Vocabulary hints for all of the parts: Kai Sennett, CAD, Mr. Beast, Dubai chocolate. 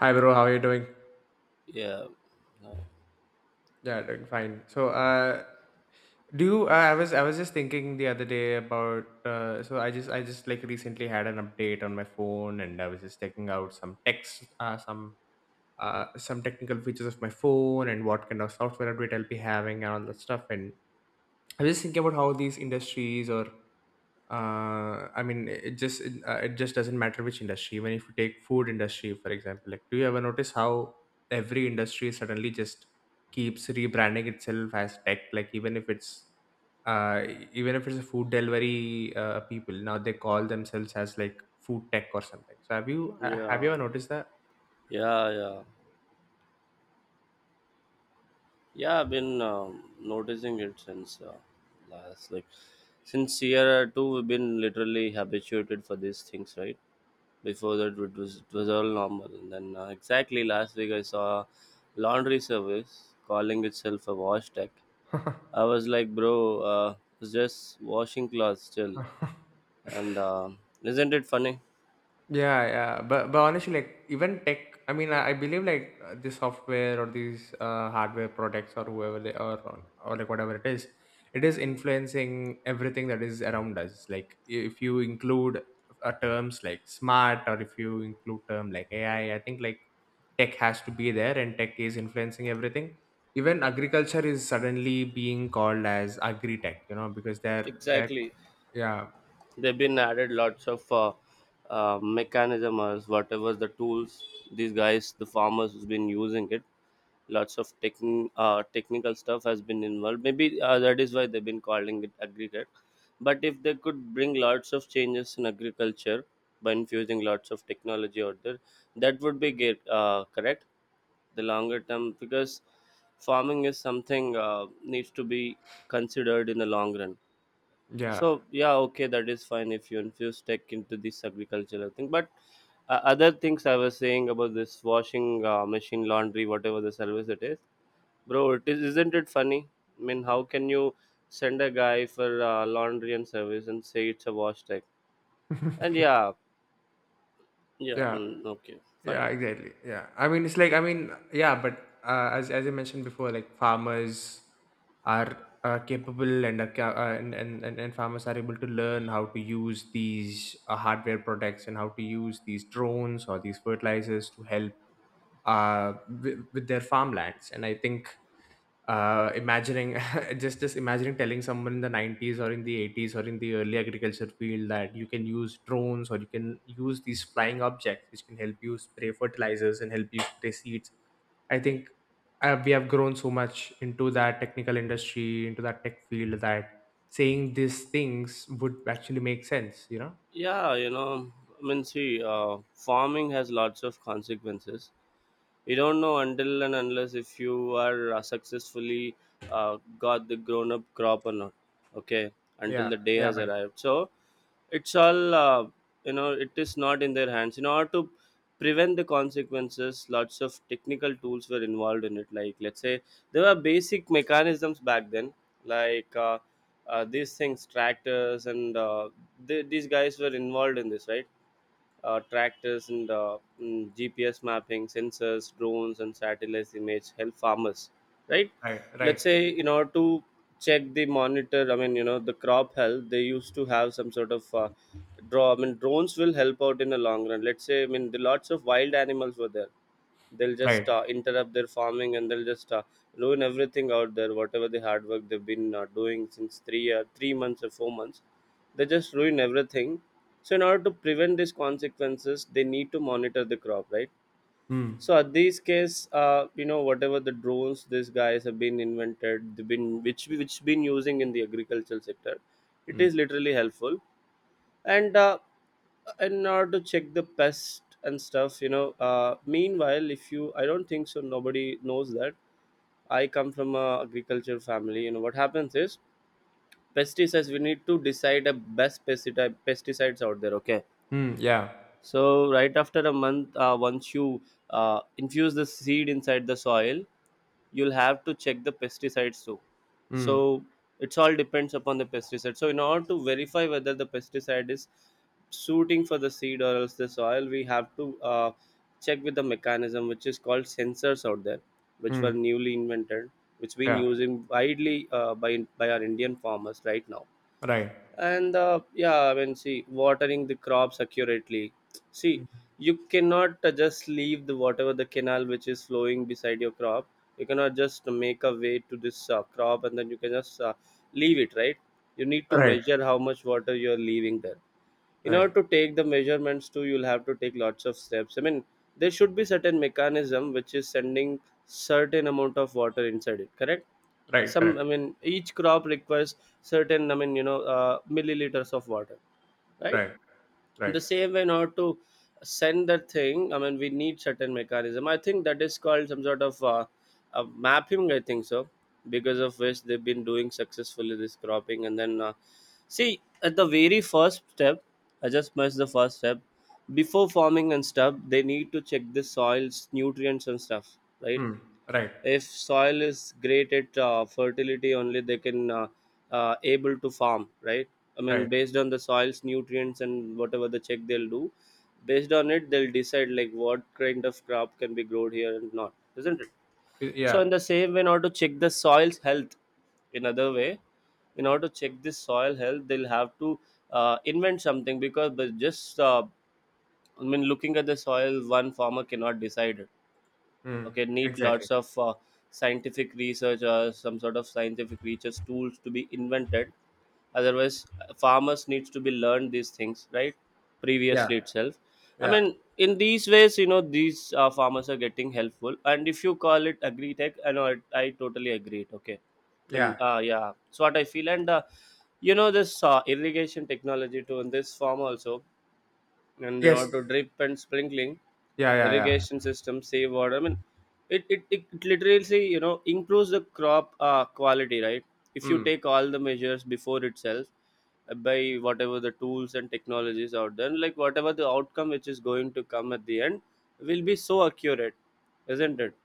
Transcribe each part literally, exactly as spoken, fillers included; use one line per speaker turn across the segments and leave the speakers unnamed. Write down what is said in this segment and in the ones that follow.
Hi bro, how are you doing?
Yeah, uh,
Yeah, doing fine. So, uh, do you, uh, I was I was just thinking the other day about uh, so I just I just like recently had an update on my phone and I was just checking out some text uh, some uh, some technical features of my phone and what kind of software update I'll be having and all that stuff. And I was just thinking about how these industries or uh, I mean, it just it, uh, it just doesn't matter which industry. Even if you take food industry, for example, like do you ever notice how every industry suddenly just keeps rebranding itself as tech? Like even if it's uh, even if it's a food delivery uh, people, now they call themselves as like food tech or something. So have you uh, have you
yeah,
ever noticed that?
yeah, yeah, yeah. I've been um, noticing it since uh, last, like, since year two. We've been literally habituated for these things, right? Before that, it was it was all normal, and then uh, exactly last week I saw a laundry service calling itself a wash tech. I was like, bro, uh, it's just washing clothes still, and uh, isn't it funny?
Yeah, yeah. But but honestly, like even tech, I mean, I, I believe like uh, the software or these uh, hardware products or whoever they are, or, or like whatever it is, it is influencing everything that is around us. Like if you include uh, terms like smart, or if you include term like A I, I I think like tech has to be there and tech is influencing everything. Even agriculture is suddenly being called as agri tech, you know, because they're they're
Exactly.
yeah
They've been added lots of uh, uh, mechanism or whatever the tools these guys the farmers has been using it, lots of techn- uh, technical stuff has been involved maybe uh, that is why they've been calling it aggregate. But if they could bring lots of changes in agriculture by infusing lots of technology out there, that would be get, uh, correct the longer term, because farming is something uh, needs to be considered in the long run.
yeah
So yeah, okay, that is fine if you infuse tech into this agricultural thing. But uh, other things I was saying about this washing uh, machine, laundry, whatever the service it is, bro. It is, isn't it funny? I mean, how can you send a guy for uh, laundry and service and say it's a wash tech? And yeah, yeah,
yeah.
mm, okay,
Yeah,
fine.
exactly. Yeah. I mean, it's like, I mean, yeah, but uh, as, as I mentioned before, like farmers are uh, capable and are ca- uh, and, and, and and farmers are able to learn how to use these uh, hardware products and how to use these drones or these fertilizers to help uh, with, with their farmlands. And I think uh, imagining just just imagining telling someone in the nineties or in the eighties or in the early agriculture field that you can use drones or you can use these flying objects which can help you spray fertilizers and help you spray seeds. I think uh, we have grown so much into that technical industry, into that tech field, that saying these things would actually make sense, you know.
Yeah, you know, I mean, see, uh, farming has lots of consequences. You don't know until and unless if you are uh, successfully uh, got the grown up crop or not, okay, until
Yeah,
the day
yeah,
has
buddy.
arrived. So it's all uh, you know it is not in their hands. In order to prevent the consequences, lots of technical tools were involved in it, like, let's say, there were basic mechanisms back then, like uh, uh, these things, tractors and uh, th- these guys were involved in this, right? Uh, tractors and uh, mm, G P S mapping, sensors, drones, and satellite image help farmers, right?
Right, right,
Let's say, in order to check the monitor, I mean, you know, the crop health, they used to have some sort of uh, draw. I mean, drones will help out in the long run. Let's say, I mean, the lots of wild animals were there, they'll just uh,
right.
interrupt their farming and they'll just uh, ruin everything out there, whatever the hard work they've been uh, doing since three uh, three months or four months. They just ruin everything. So in order to prevent these consequences, they need to monitor the crop, right?
Mm.
So at these case, uh, you know whatever the drones these guys have been invented, they've been which which been using in the agricultural sector, it is
Mm.
literally helpful. And uh, in order to check the pest and stuff, you know uh, meanwhile, if you, I don't think so nobody knows that I come from a agriculture family, you know what happens is, pesticides, we need to decide the best pesticide pesticides out there, okay?
Mm, yeah.
So right after a month, uh, once you uh, infuse the seed inside the soil, you'll have to check the pesticides too. So
Mm.
it's all depends upon the pesticide. So in order to verify whether the pesticide is suiting for the seed or else the soil, we have to uh, check with the mechanism which is called sensors out there, which were
Mm,
newly invented, which been
yeah.
using widely uh, by by our Indian farmers right now.
Right.
And uh, yeah, I mean, see, watering the crops accurately. See,
Mm.
you cannot uh, just leave the whatever the canal which is flowing beside your crop. You cannot just make a way to this uh, crop and then you can just uh, leave it, right? You need to
Right,
measure how much water you are leaving there. In
right.
order to take the measurements too, you'll have to take lots of steps. I mean, there should be certain mechanism which is sending certain amount of water inside it, correct?
Right,
Some, I
correct.
mean, each crop requires certain, I mean, you know uh, milliliters of water, right?
Right,
In
right.
the same way, in order to send that thing, I mean, we need certain mechanism, I think, that is called some sort of uh, uh, mapping, I think so. Because of which they've been doing successfully this cropping. And then, uh, see, at the very first step, I just missed the first step, before farming and stuff they need to check the soils nutrients and stuff, right?
Hmm. Right,
If soil is great at uh, fertility, only they can uh, uh, able to farm, right? I mean,
right.
based on the soil's nutrients and whatever the check they'll do, based on it they'll decide like what kind of crop can be grown here and not, isn't it?
Y-
So
Yeah.
in the same way, in order to check the soil's health, in other way, in order to check this soil health, they'll have to uh, invent something, because, but just, uh, I mean, looking at the soil, one farmer cannot decide it.
Hmm.
Okay, need
Exactly.
lots of uh, scientific research or some sort of scientific research tools to be invented. Otherwise, uh, farmers needs to be learned these things, right,
Yeah,
previously itself. I
yeah,
mean, in these ways, you know these uh, farmers are getting helpful. And if you call it agri tech, I know it, I totally agree it, okay? I mean,
yeah.
uh, yeah, it's what I feel. And uh, you know this uh, irrigation technology too in this farm also. And you know
Yes.
to drip and sprinkling
Yeah, yeah, yeah.
irrigation system save water. I mean, it, it, it it literally you know improves the crop uh, quality, right? If you
Hmm.
take all the measures before itself, uh, by whatever the tools and technologies out there, like, whatever the outcome which is going to come at the end will be so accurate, isn't it?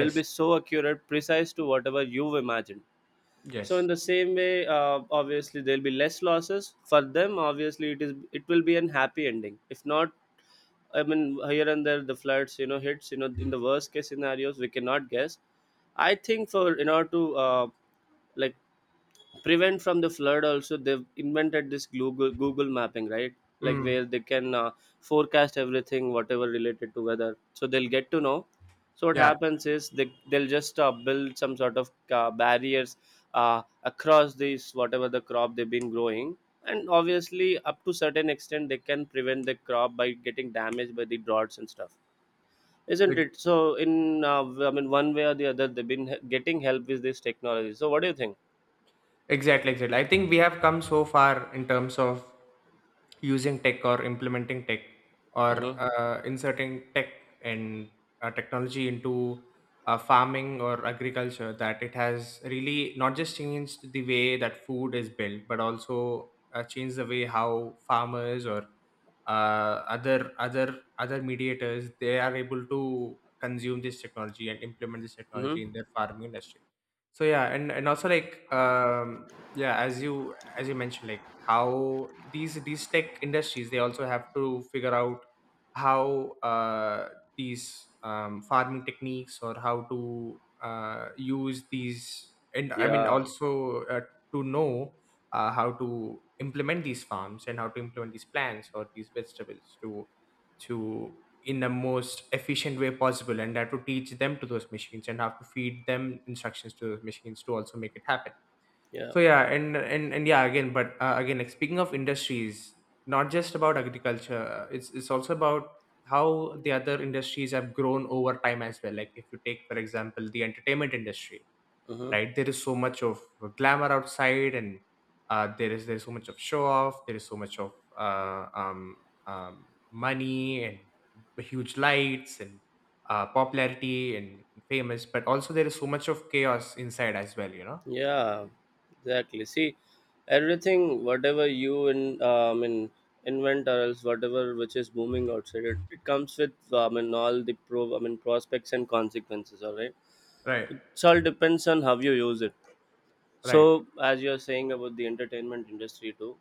Will be so accurate, precise to whatever you've imagined. So
yes.
in the same way, uh, obviously, there'll be less losses for them. Obviously, it is it will be an happy ending. If not, I mean, here and there, the floods, you know, hits, you know, in the worst case scenarios, we cannot guess. I think, for, in order to, uh, like, prevent from the flood also, they've invented this google google mapping, right? Like,
Hmm.
where they can uh, forecast everything whatever related to weather, so they'll get to know. So what
Yeah.
happens is, they, they'll just uh, build some sort of uh, barriers uh, across these whatever the crop they've been growing. And obviously up to certain extent they can prevent the crop by getting damaged by the droughts and stuff, isn't it? So in, uh, I mean, one way or the other they've been he- getting help with this technology. So what do you think?
Exactly, exactly. I think we have come so far in terms of using tech or implementing tech, or
Mm-hmm.
uh, inserting tech and uh, technology into uh, farming or agriculture, that it has really not just changed the way that food is built, but also uh, changed the way how farmers or uh, other other other mediators they are able to consume this technology and implement this technology
Mm-hmm.
in their farming industry. So yeah, and and also like um yeah, as you as you mentioned, like how these these tech industries, they also have to figure out how uh these um farming techniques, or how to uh use these. And I mean,
Yeah,
also uh, to know uh, how to implement these farms and how to implement these plants or these vegetables to to in the most efficient way possible, and I have to teach them to those machines and have to feed them instructions to those machines to also make it happen.
yeah,
So yeah, and and, and yeah, again, but uh, again, like speaking of industries, not just about agriculture uh, it's it's also about how the other industries have grown over time as well, like if you take, for example, the entertainment industry.
hmm,
Right, there is so much of uh, glamour outside, and uh, there is there's so much of show off, there is so much of uh, um, um, money and huge lights, and uh, popularity and famous, but also there is so much of chaos inside as well, you know.
yeah, exactly. See, everything, whatever you in, um, in invent or else whatever which is booming outside, it, it comes with, um, in all the pro, I mean, prospects and consequences. All right,
Right,
it all depends on how you use it.
right.
So, as you're saying about the entertainment industry too,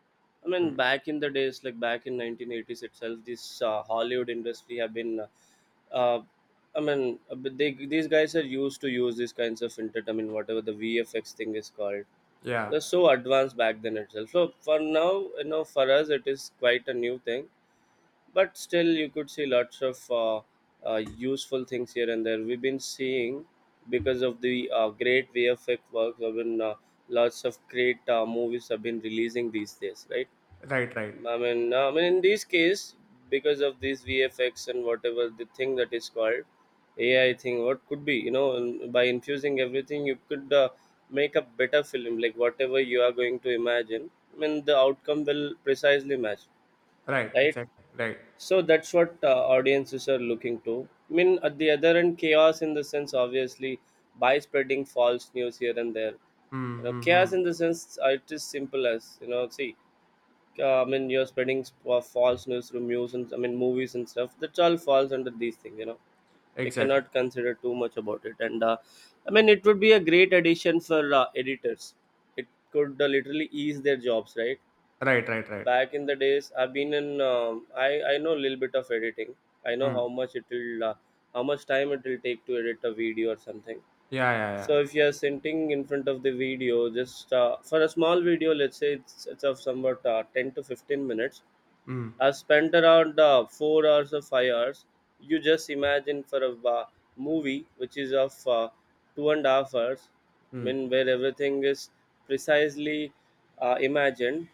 I mean,
Mm.
back in the days, like back in nineteen eighties itself, this uh, Hollywood industry have been, uh, uh, I mean, uh, but they, these guys are used to use these kinds of inter, I mean, whatever the V F X thing is called.
Yeah.
They're so advanced back then itself. So for now, you know, for us, it is quite a new thing. But still you could see lots of uh, uh, useful things here and there, we've been seeing, because of the uh, great V F X work, I mean, uh, lots of great uh, movies have been releasing these days, right?
Right, right,
I mean, uh, I mean, in this case, because of these V F X and whatever the thing that is called A I thing, what could be, you know and by infusing everything, you could uh, make a better film, like whatever you are going to imagine, I mean, the outcome will precisely match.
right,
Right,
exactly, right.
so that's what uh, audiences are looking to. I mean, at the other end, chaos in the sense, obviously, by spreading false news here and there. You know, chaos
Mm-hmm.
in the sense, uh, it is simple as, you know, see, uh, I mean, you're spreading sp- uh, false news through news and, I mean, movies and stuff. That all falls under these things, you know. We
Exactly.
cannot consider too much about it. And, uh, I mean, it would be a great addition for uh, editors. It could uh, literally ease their jobs, right?
Right, right, right.
Back in the days, I've been in um, I I know a little bit of editing. I know
Mm.
how much it will uh, how much time it will take to edit a video or something.
Yeah, yeah, yeah.
So if you are sitting in front of the video, just uh, for a small video, let's say it's, it's of somewhat uh, ten to fifteen minutes,
Mm.
I've spent around uh, four hours or five hours. You just imagine, for a uh, movie which is of uh, two and a half hours, I mean
Mm.
where everything is precisely, uh, imagined.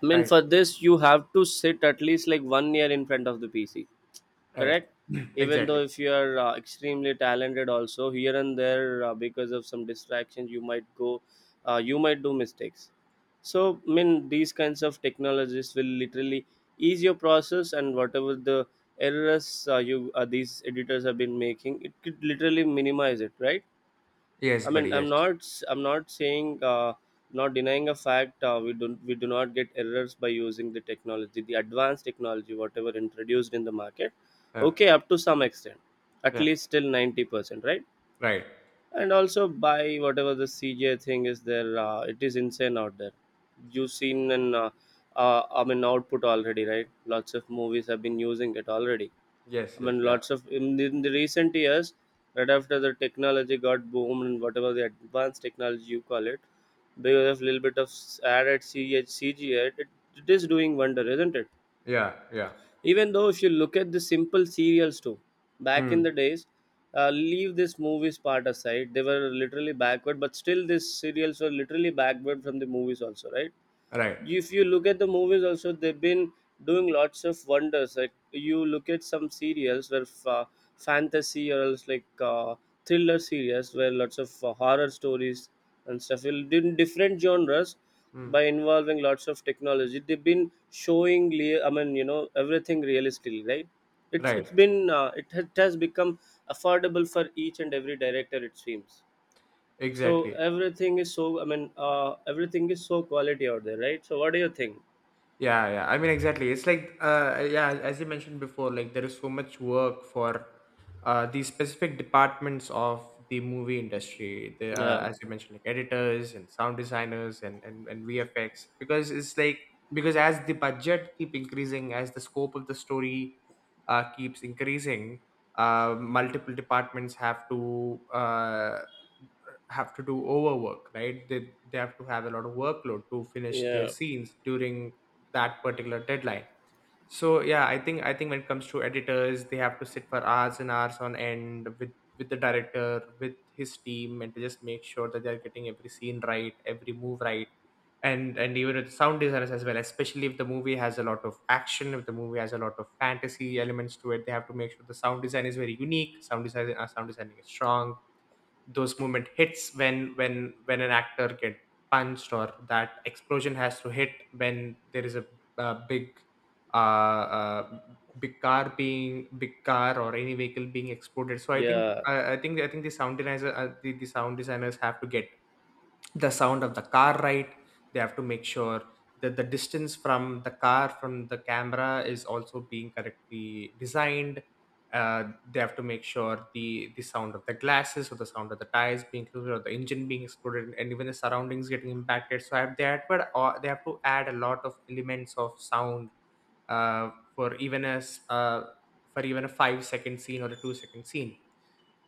I mean,
Right,
for this, you have to sit at least like one year in front of the P C,
right.
correct? Even though
Exactly.
if you are uh, extremely talented, also here and there, uh, because of some distractions, you might go, uh, you might do mistakes. So, I mean, these kinds of technologies will literally ease your process, and whatever the errors, uh, you uh, these editors have been making, it could literally minimize it, right?
Yes,
I
buddy,
mean, I'm
yes.
not s- I'm not saying, uh, not denying a fact. Uh, we do we do not get errors by using the technology, the advanced technology, whatever introduced in the market.
Yeah.
Okay, up to some extent, at
Yeah.
least till ninety percent, right?
Right.
And also, by whatever the C J thing is there, uh, it is insane out there. You've seen an uh, uh, I mean, output already, right? Lots of movies have been using it already.
Yes,
I
yes,
mean,
yeah.
lots of, in the, in the recent years, right after the technology got boomed and whatever the advanced technology you call it, because of little bit of added C G I, it, it is doing wonder, isn't it?
Yeah, yeah.
Even though if you look at the simple serials too, back in
Hmm.
the days, uh, leave this movies part aside, they were literally backward, but still these serials were literally backward from the movies also, right?
Right.
If you look at the movies also, they've been doing lots of wonders. Like you look at some serials where uh, fantasy, or else, like, uh, thriller series, where lots of uh, horror stories and stuff will do in different genres. By
Hmm.
involving lots of technology they've been showing, le- I mean, you know everything realistically, right? it's
Right.
it's been, uh, it, ha- it has become affordable for each and every director, it seems. So
Exactly.
everything is so, I mean, uh, everything is so quality out there, right? So what do you think?
Yeah, yeah. I mean, exactly. It's like, uh, yeah, as you mentioned before, like there is so much work for uh, these specific departments of the movie industry. The, uh,
Yeah,
as you mentioned, like editors and sound designers and, and, and V F X, because it's like, because as the budget keep increasing, as the scope of the story uh, keeps increasing, uh, multiple departments have to uh, have to do overwork, right? They they have to have a lot of workload to finish their
yeah,
scenes during that particular deadline. So yeah, i think i think when it comes to editors, they have to sit for hours and hours on end with with the director, with his team, and to just make sure that they're getting every scene right, every move right. and and even with sound designers as well, especially if the movie has a lot of action, if the movie has a lot of fantasy elements to it, they have to make sure the sound design is very unique, sound design uh, sound designing is strong. Those moment hits when when when an actor get punched or that explosion has to hit, when there is a, uh big uh, uh big car being, big car or any vehicle being exploded. So i think
yeah,
i, I think i think the sound designer uh, the, the sound designers have to get the sound of the car right. They have to make sure that the distance from the car from the camera is also being correctly designed. uh, they have to make sure the the sound of the glasses, or the sound of the tires being included, or the engine being exploded, and even the surroundings getting impacted. So have they had, but uh, they have to add a lot of elements of sound uh, for even as uh, for even a five second scene or a two second scene.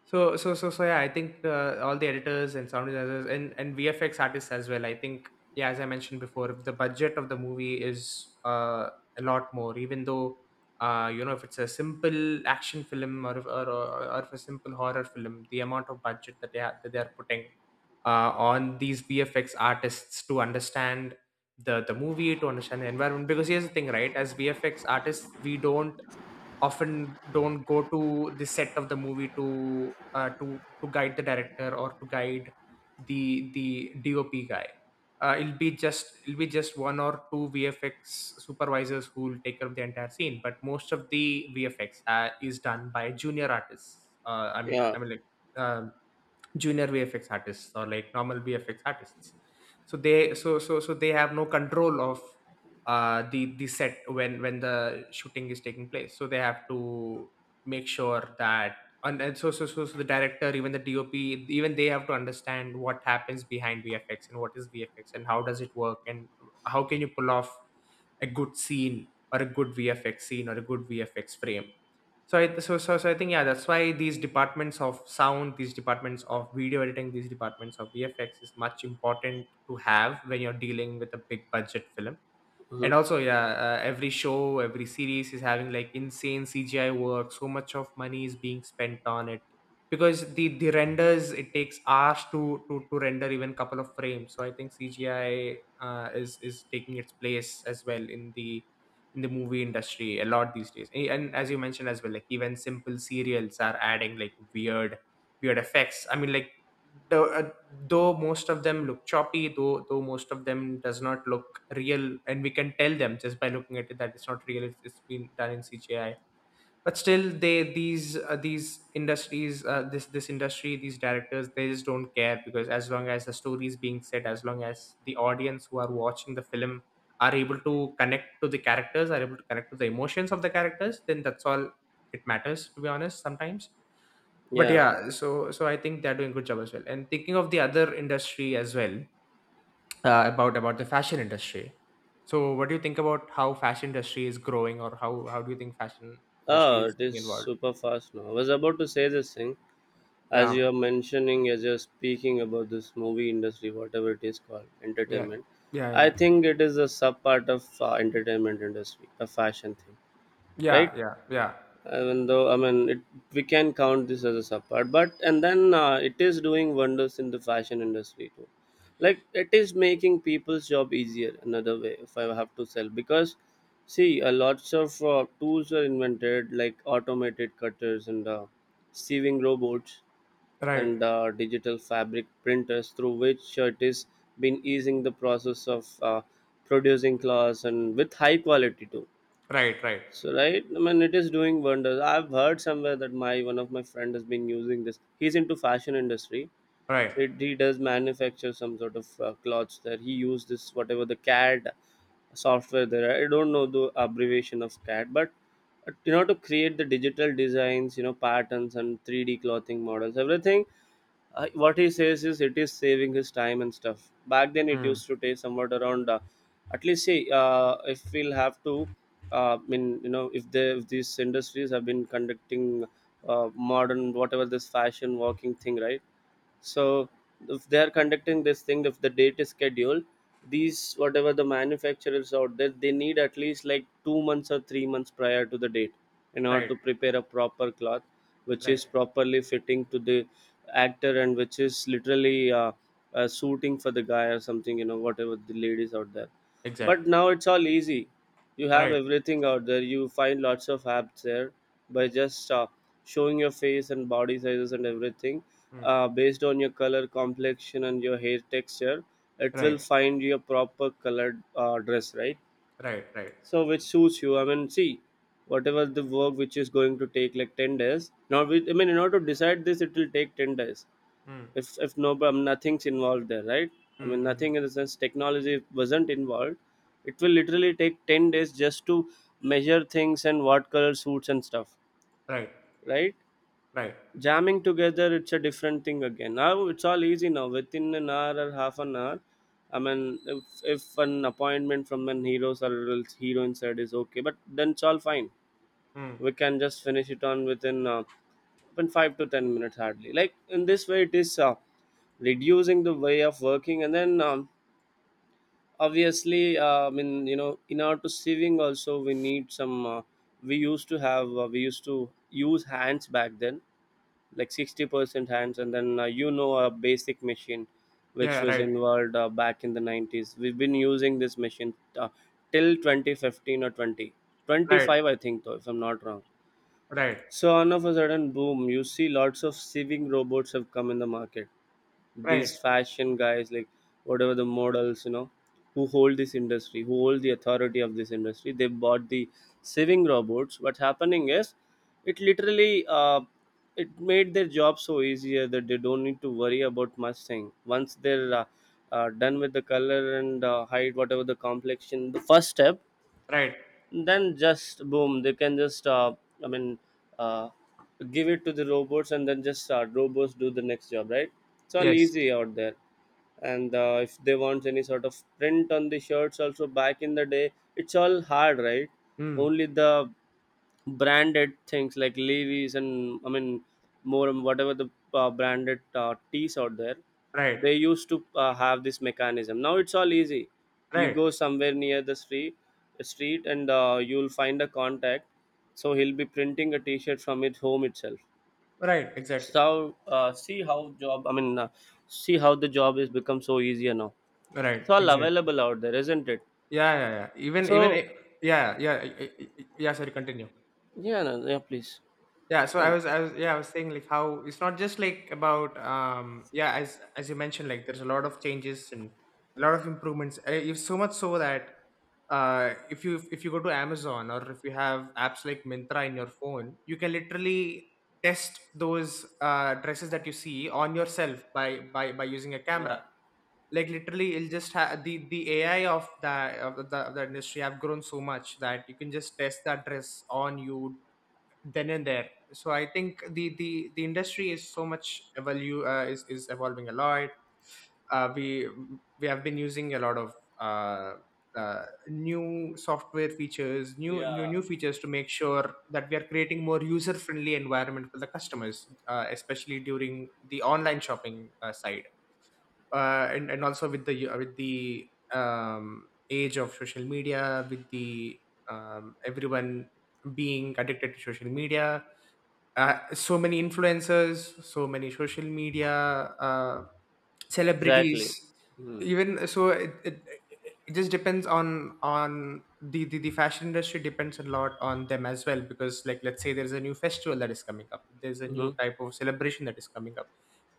So so so so yeah, I think uh, all the editors and sound designers and and V F X artists as well. I think yeah, as I mentioned before, the budget of the movie is uh, a lot more. Even though uh, you know, if it's a simple action film, or if, or, or, or if a simple horror film, the amount of budget that they are, that they are putting uh, on these V F X artists to understand the the movie, to understand the environment. Because here's the thing, right? As V F X artists, we don't often don't go to the set of the movie to uh, to to guide the director, or to guide the the D O P guy. Uh, it'll be just it'll be just one or two V F X supervisors who will take care of the entire scene, but most of the vfx uh, is done by junior artists, uh, i mean
yeah.
i mean like um junior V F X artists or like normal V F X artists. So they so so so they have no control of uh, the the set when when the shooting is taking place. So they have to make sure that and, and so, so so so the director, even the D O P, even they have to understand what happens behind V F X, and what is V F X, and how does it work, and how can you pull off a good scene, or a good V F X scene, or a good V F X frame. So I so so so I think yeah, that's why these departments of sound, these departments of video editing, these departments of V F X is much important to have when you're dealing with a big budget film. And
Mhm,
also yeah, uh, every show, every series is having like insane C G I work, so much of money is being spent on it, because the the renders, it takes hours to to, to render even couple of frames. So I think cgi uh, is is taking its place as well in the in the movie industry a lot these days. A- and as you mentioned as well, like even simple serials are adding like weird weird effects, I mean, like, though, uh, though most of them look choppy, though though most of them does not look real, and we can tell them just by looking at it that it's not real, it's, it's been done in C G I. But still they, these uh, these industries, uh, this this industry, these directors, they just don't care, because as long as the story is being said, as long as the audience who are watching the film are able to connect to the characters, are able to connect to the emotions of the characters, then that's all it matters, to be honest, sometimes. But
yeah.
yeah, so so I think they're doing good job as well. And thinking of the other industry as well, uh, about about the fashion industry, so what do you think about how fashion industry is growing, or how how do you think fashion industry
Oh,
is
it is
being involved?
super fast now. I was about to say this thing. As you
Yeah,
are mentioning as you're speaking about this movie industry, whatever it is called,
yeah,
entertainment. I
yeah,
think it is a sub part of uh, entertainment industry, a fashion thing,
yeah,
right?
yeah, yeah, yeah.
Even though, I mean, it, we can count this as a subpart, but and then uh, it is doing wonders in the fashion industry too. Like, it is making people's job easier another way, if I have to sell. Because, see, a lots of uh, tools were invented, like automated cutters and uh, sewing robots,
Right,
and uh, digital fabric printers, through which, uh, it is been easing the process of uh, producing clothes, and with high quality too.
right, right,
So right, I mean, it is doing wonders. I've heard somewhere that my one of my friend has been using this. He's into fashion industry.
right.
It, he does manufacture some sort of uh, clothes there. He used this, whatever the CAD software there. I don't know the abbreviation of CAD, but uh, you know to create the digital designs, you know patterns and three D clothing models, everything. Uh, what he says is, it is saving his time and stuff. Back then it used
Mm.
to take somewhat around, uh, at least, see, uh, if we'll have to, uh, I mean, you know if, they, if these industries have been conducting uh, modern, whatever this fashion working thing, right. So if they are conducting this thing, if the date is scheduled, these, whatever the manufacturers out there, they need at least like two months or three months prior to the date, in order
Right,
to prepare a proper cloth which
right.
is properly fitting to the actor, and which is literally, uh, uh, suiting for the guy or something, you know whatever the ladies out there.
Exact.
But now it's all easy. You have
Right.
everything out there, you find lots of apps there, by just, uh, showing your face and body sizes and everything,
Mm.
uh, based on your color complexion and your hair texture. It will
Right,
find your proper colored, uh, dress, right?
right, right.
So, which suits you. I mean, see, whatever the work which is going to take like ten days now, we, I mean, in order to decide this, it will take ten days,
Mm.
if if no problem, nothing's involved there, right? I mean, nothing in
Mm-hmm.
the sense technology wasn't involved. It will literally take ten days just to measure things and what color suits and stuff,
Right,
right.
right.
Jamming together it's a different thing again. Now it's all easy, now within an hour or half an hour. I mean, if, if an appointment from an hero's or else heroine side is okay, but then it's all fine.
Mm.
We can just finish it on within, uh, within five to ten minutes hardly, like, in this way it is, uh, reducing the way of working. And then, um, obviously, uh, I mean, you know in order to saving also, we need some, uh, we used to have uh, we used to use hands back then, like sixty percent hands, and then, uh, you know a basic machine which
Yeah.
was
Right,
involved, uh, back in the nineties. We've been using this machine, uh, till twenty fifteen or twenty twenty
right,
five, I think, though, if I'm not wrong.
right,
So all of a sudden, boom, you see lots of sieving robots have come in the market.
right,
These fashion guys, like, whatever the models, you know who hold this industry, who hold the authority of this industry, they bought the sewing robots. What's happening is, it literally, uh, it made their job so easier that they don't need to worry about much thing once they're, uh, uh, done with the color and, uh, height, whatever the complexion, the first step.
right.
Then just boom, they can just, uh, I mean, uh, give it to the robots, and then just uh, robots do the next job, right. It's all
Yes.
easy out there. And, uh, if they want any sort of print on the shirts also, back in the day, it's all hard, right?
Mm.
Only the branded things like Levi's, and, I mean, more, and whatever the, uh, branded, uh, teas out there,
Right.
they used to, uh, have this mechanism. Now it's all easy. You
Right.
go somewhere near the street, street, and uh, you'll find a contact. So he'll be printing a T-shirt from his home itself.
Right. Exactly.
So, uh, see how job. I mean, uh, see how the job has become so easier now.
Right.
It's all
Exactly.
available out there, isn't it?
Yeah, yeah, yeah. Even. Even.
So,
i- Yeah, yeah. i- i- i- Yeah. Sorry. Continue.
yeah, no, yeah, please,
Yeah. So I
fine.
was. I was. Yeah, I was saying, like, how it's not just like about— Um. Yeah. As as you mentioned, like, there's a lot of changes and a lot of improvements. Uh, If so much so that, uh, if you— if you go to Amazon or if you have apps like Mintra in your phone, you can literally test those uh, dresses that you see on yourself by by by using a
Yeah,
camera. Like, literally it'll just have the the ai of the— of the, of the industry have grown so much that you can just test that dress on you then and there. So I think the the the industry is so much evolve, uh, is is evolving a lot. uh, we we have been using a lot of uh, uh, new software features, new new
yeah.
new features to make sure that we are creating more user friendly environment for the customers, uh, especially during the online shopping uh, side. uh, and and also with the— with the um, age of social media, with the um, everyone being addicted to social media, uh, so many influencers, so many social media. Uh,
Exactly.
celebrities.
Mm-hmm.
Even so, it, it, it just depends on— on the, the the fashion industry depends a lot on them as well, because, like, let's say there's a new festival that is coming up, there's a
Mm-hmm.
new type of celebration that is coming up,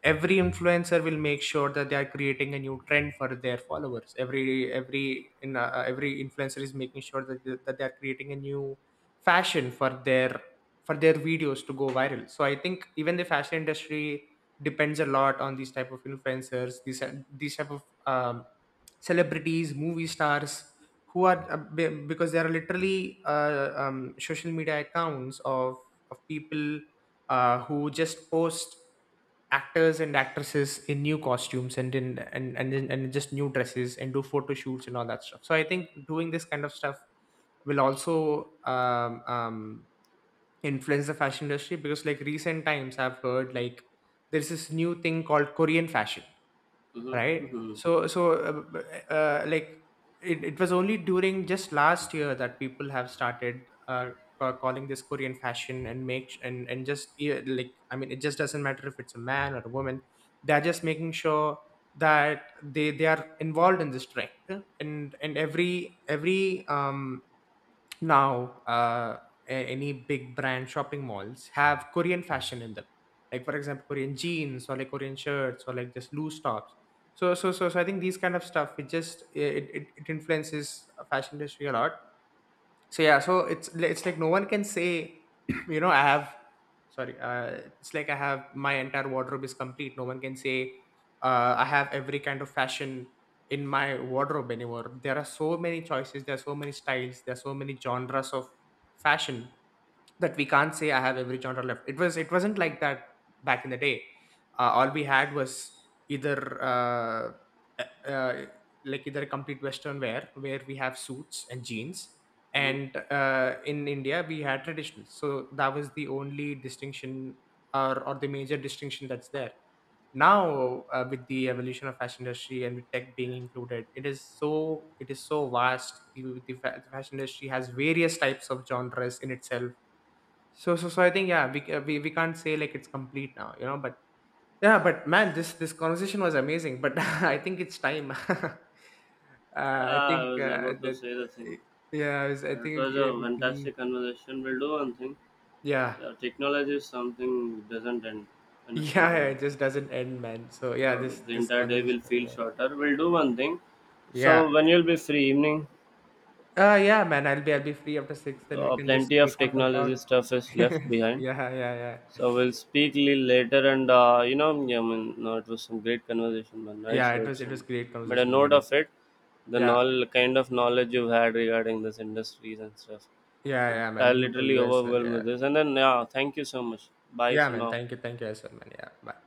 every influencer will make sure that they are creating a new trend for their followers. every every in uh, every influencer is making sure that they, that they are creating a new fashion for their— for their videos to go viral. So I think even the fashion industry depends a lot on these type of influencers, these uh, these type of um, celebrities, movie stars, who are uh, be- because there are literally uh, um, social media accounts of— of people uh, who just post actors and actresses in new costumes and in— and, and in- and just new dresses and do photo shoots and all that stuff. So I think doing this kind of stuff will also um, um, influence the fashion industry, because, like, recent times I've heard, like, there's this new thing called Korean fashion, right?
Mm-hmm.
So so uh, uh, uh, like, it, it was only during just last year that people have started uh, ca- calling this Korean fashion. And make and and just Yeah, like, I mean, it just doesn't matter if it's a man or a woman, they're just making sure that they they are involved in this trend. And and every every um now, uh, a- any big brand shopping malls have Korean fashion in them. Like, for example, Korean jeans, or like Korean shirts, or like just loose tops. So so so so I think these kind of stuff, it just— it it, it influences uh, fashion industry a lot. So yeah, so it's it's like no one can say— you know, I have— sorry, uh, it's like I have— my entire wardrobe is complete, no one can say uh, I have every kind of fashion in my wardrobe anymore. There are so many choices, there are so many styles, there are so many genres of fashion that we can't say I have every genre left. It was it wasn't like that back in the day. Uh, all we had was either uh, uh, uh, like, either a complete Western wear where we have suits and jeans,
Mm-hmm.
and uh, in India we had traditional. So that was the only distinction, or or the major distinction that's there. Now, uh, with the evolution of fashion industry and with tech being included, it is so— it is so vast. The, the fa- the fashion industry has various types of genres in itself. So so so I think, yeah, we uh, we we can't say like it's complete now, you know. But yeah, but man, this this conversation was amazing. But I think it's time. uh,
Yeah,
I
I
think
was
uh,
about to
that
say the
uh,
thing.
yeah, I, was, I
Uh, it
think we,
was a
we can leave.
fantastic conversation. We'll do one thing.
Yeah.
Yeah, technology is something doesn't end in a
Yeah,
single
yeah, it
user.
just doesn't end, man. So yeah,
So
this
the
this
entire day will
conversation. Over
feel
there.
shorter. We'll do one thing.
Yeah.
So when you'll be free evening,
Uh yeah, man. I'll be— I'll be free after six. Then we
uh,
can just
plenty
meet
of
up and talk.
technology stuff is left behind.
Yeah, yeah, yeah.
So we'll speak, li- later, and, uh, you know, yeah, I mean, no, it was some great conversation, man. Nice
Yeah, it was—
words,
it was
and
great
made a
conversation,
note
buddy.
of it. The
Yeah,
knowledge, kind of knowledge you've had regarding this industries and stuff.
yeah, yeah,
I
man.
am
You too.
literally
You as well.
overwhelmed
Yeah.
with this, and then, yeah, thank you so much. Bye
Yeah,
for
man.
now.
Thank you. Thank you as well, man. Yeah. Bye.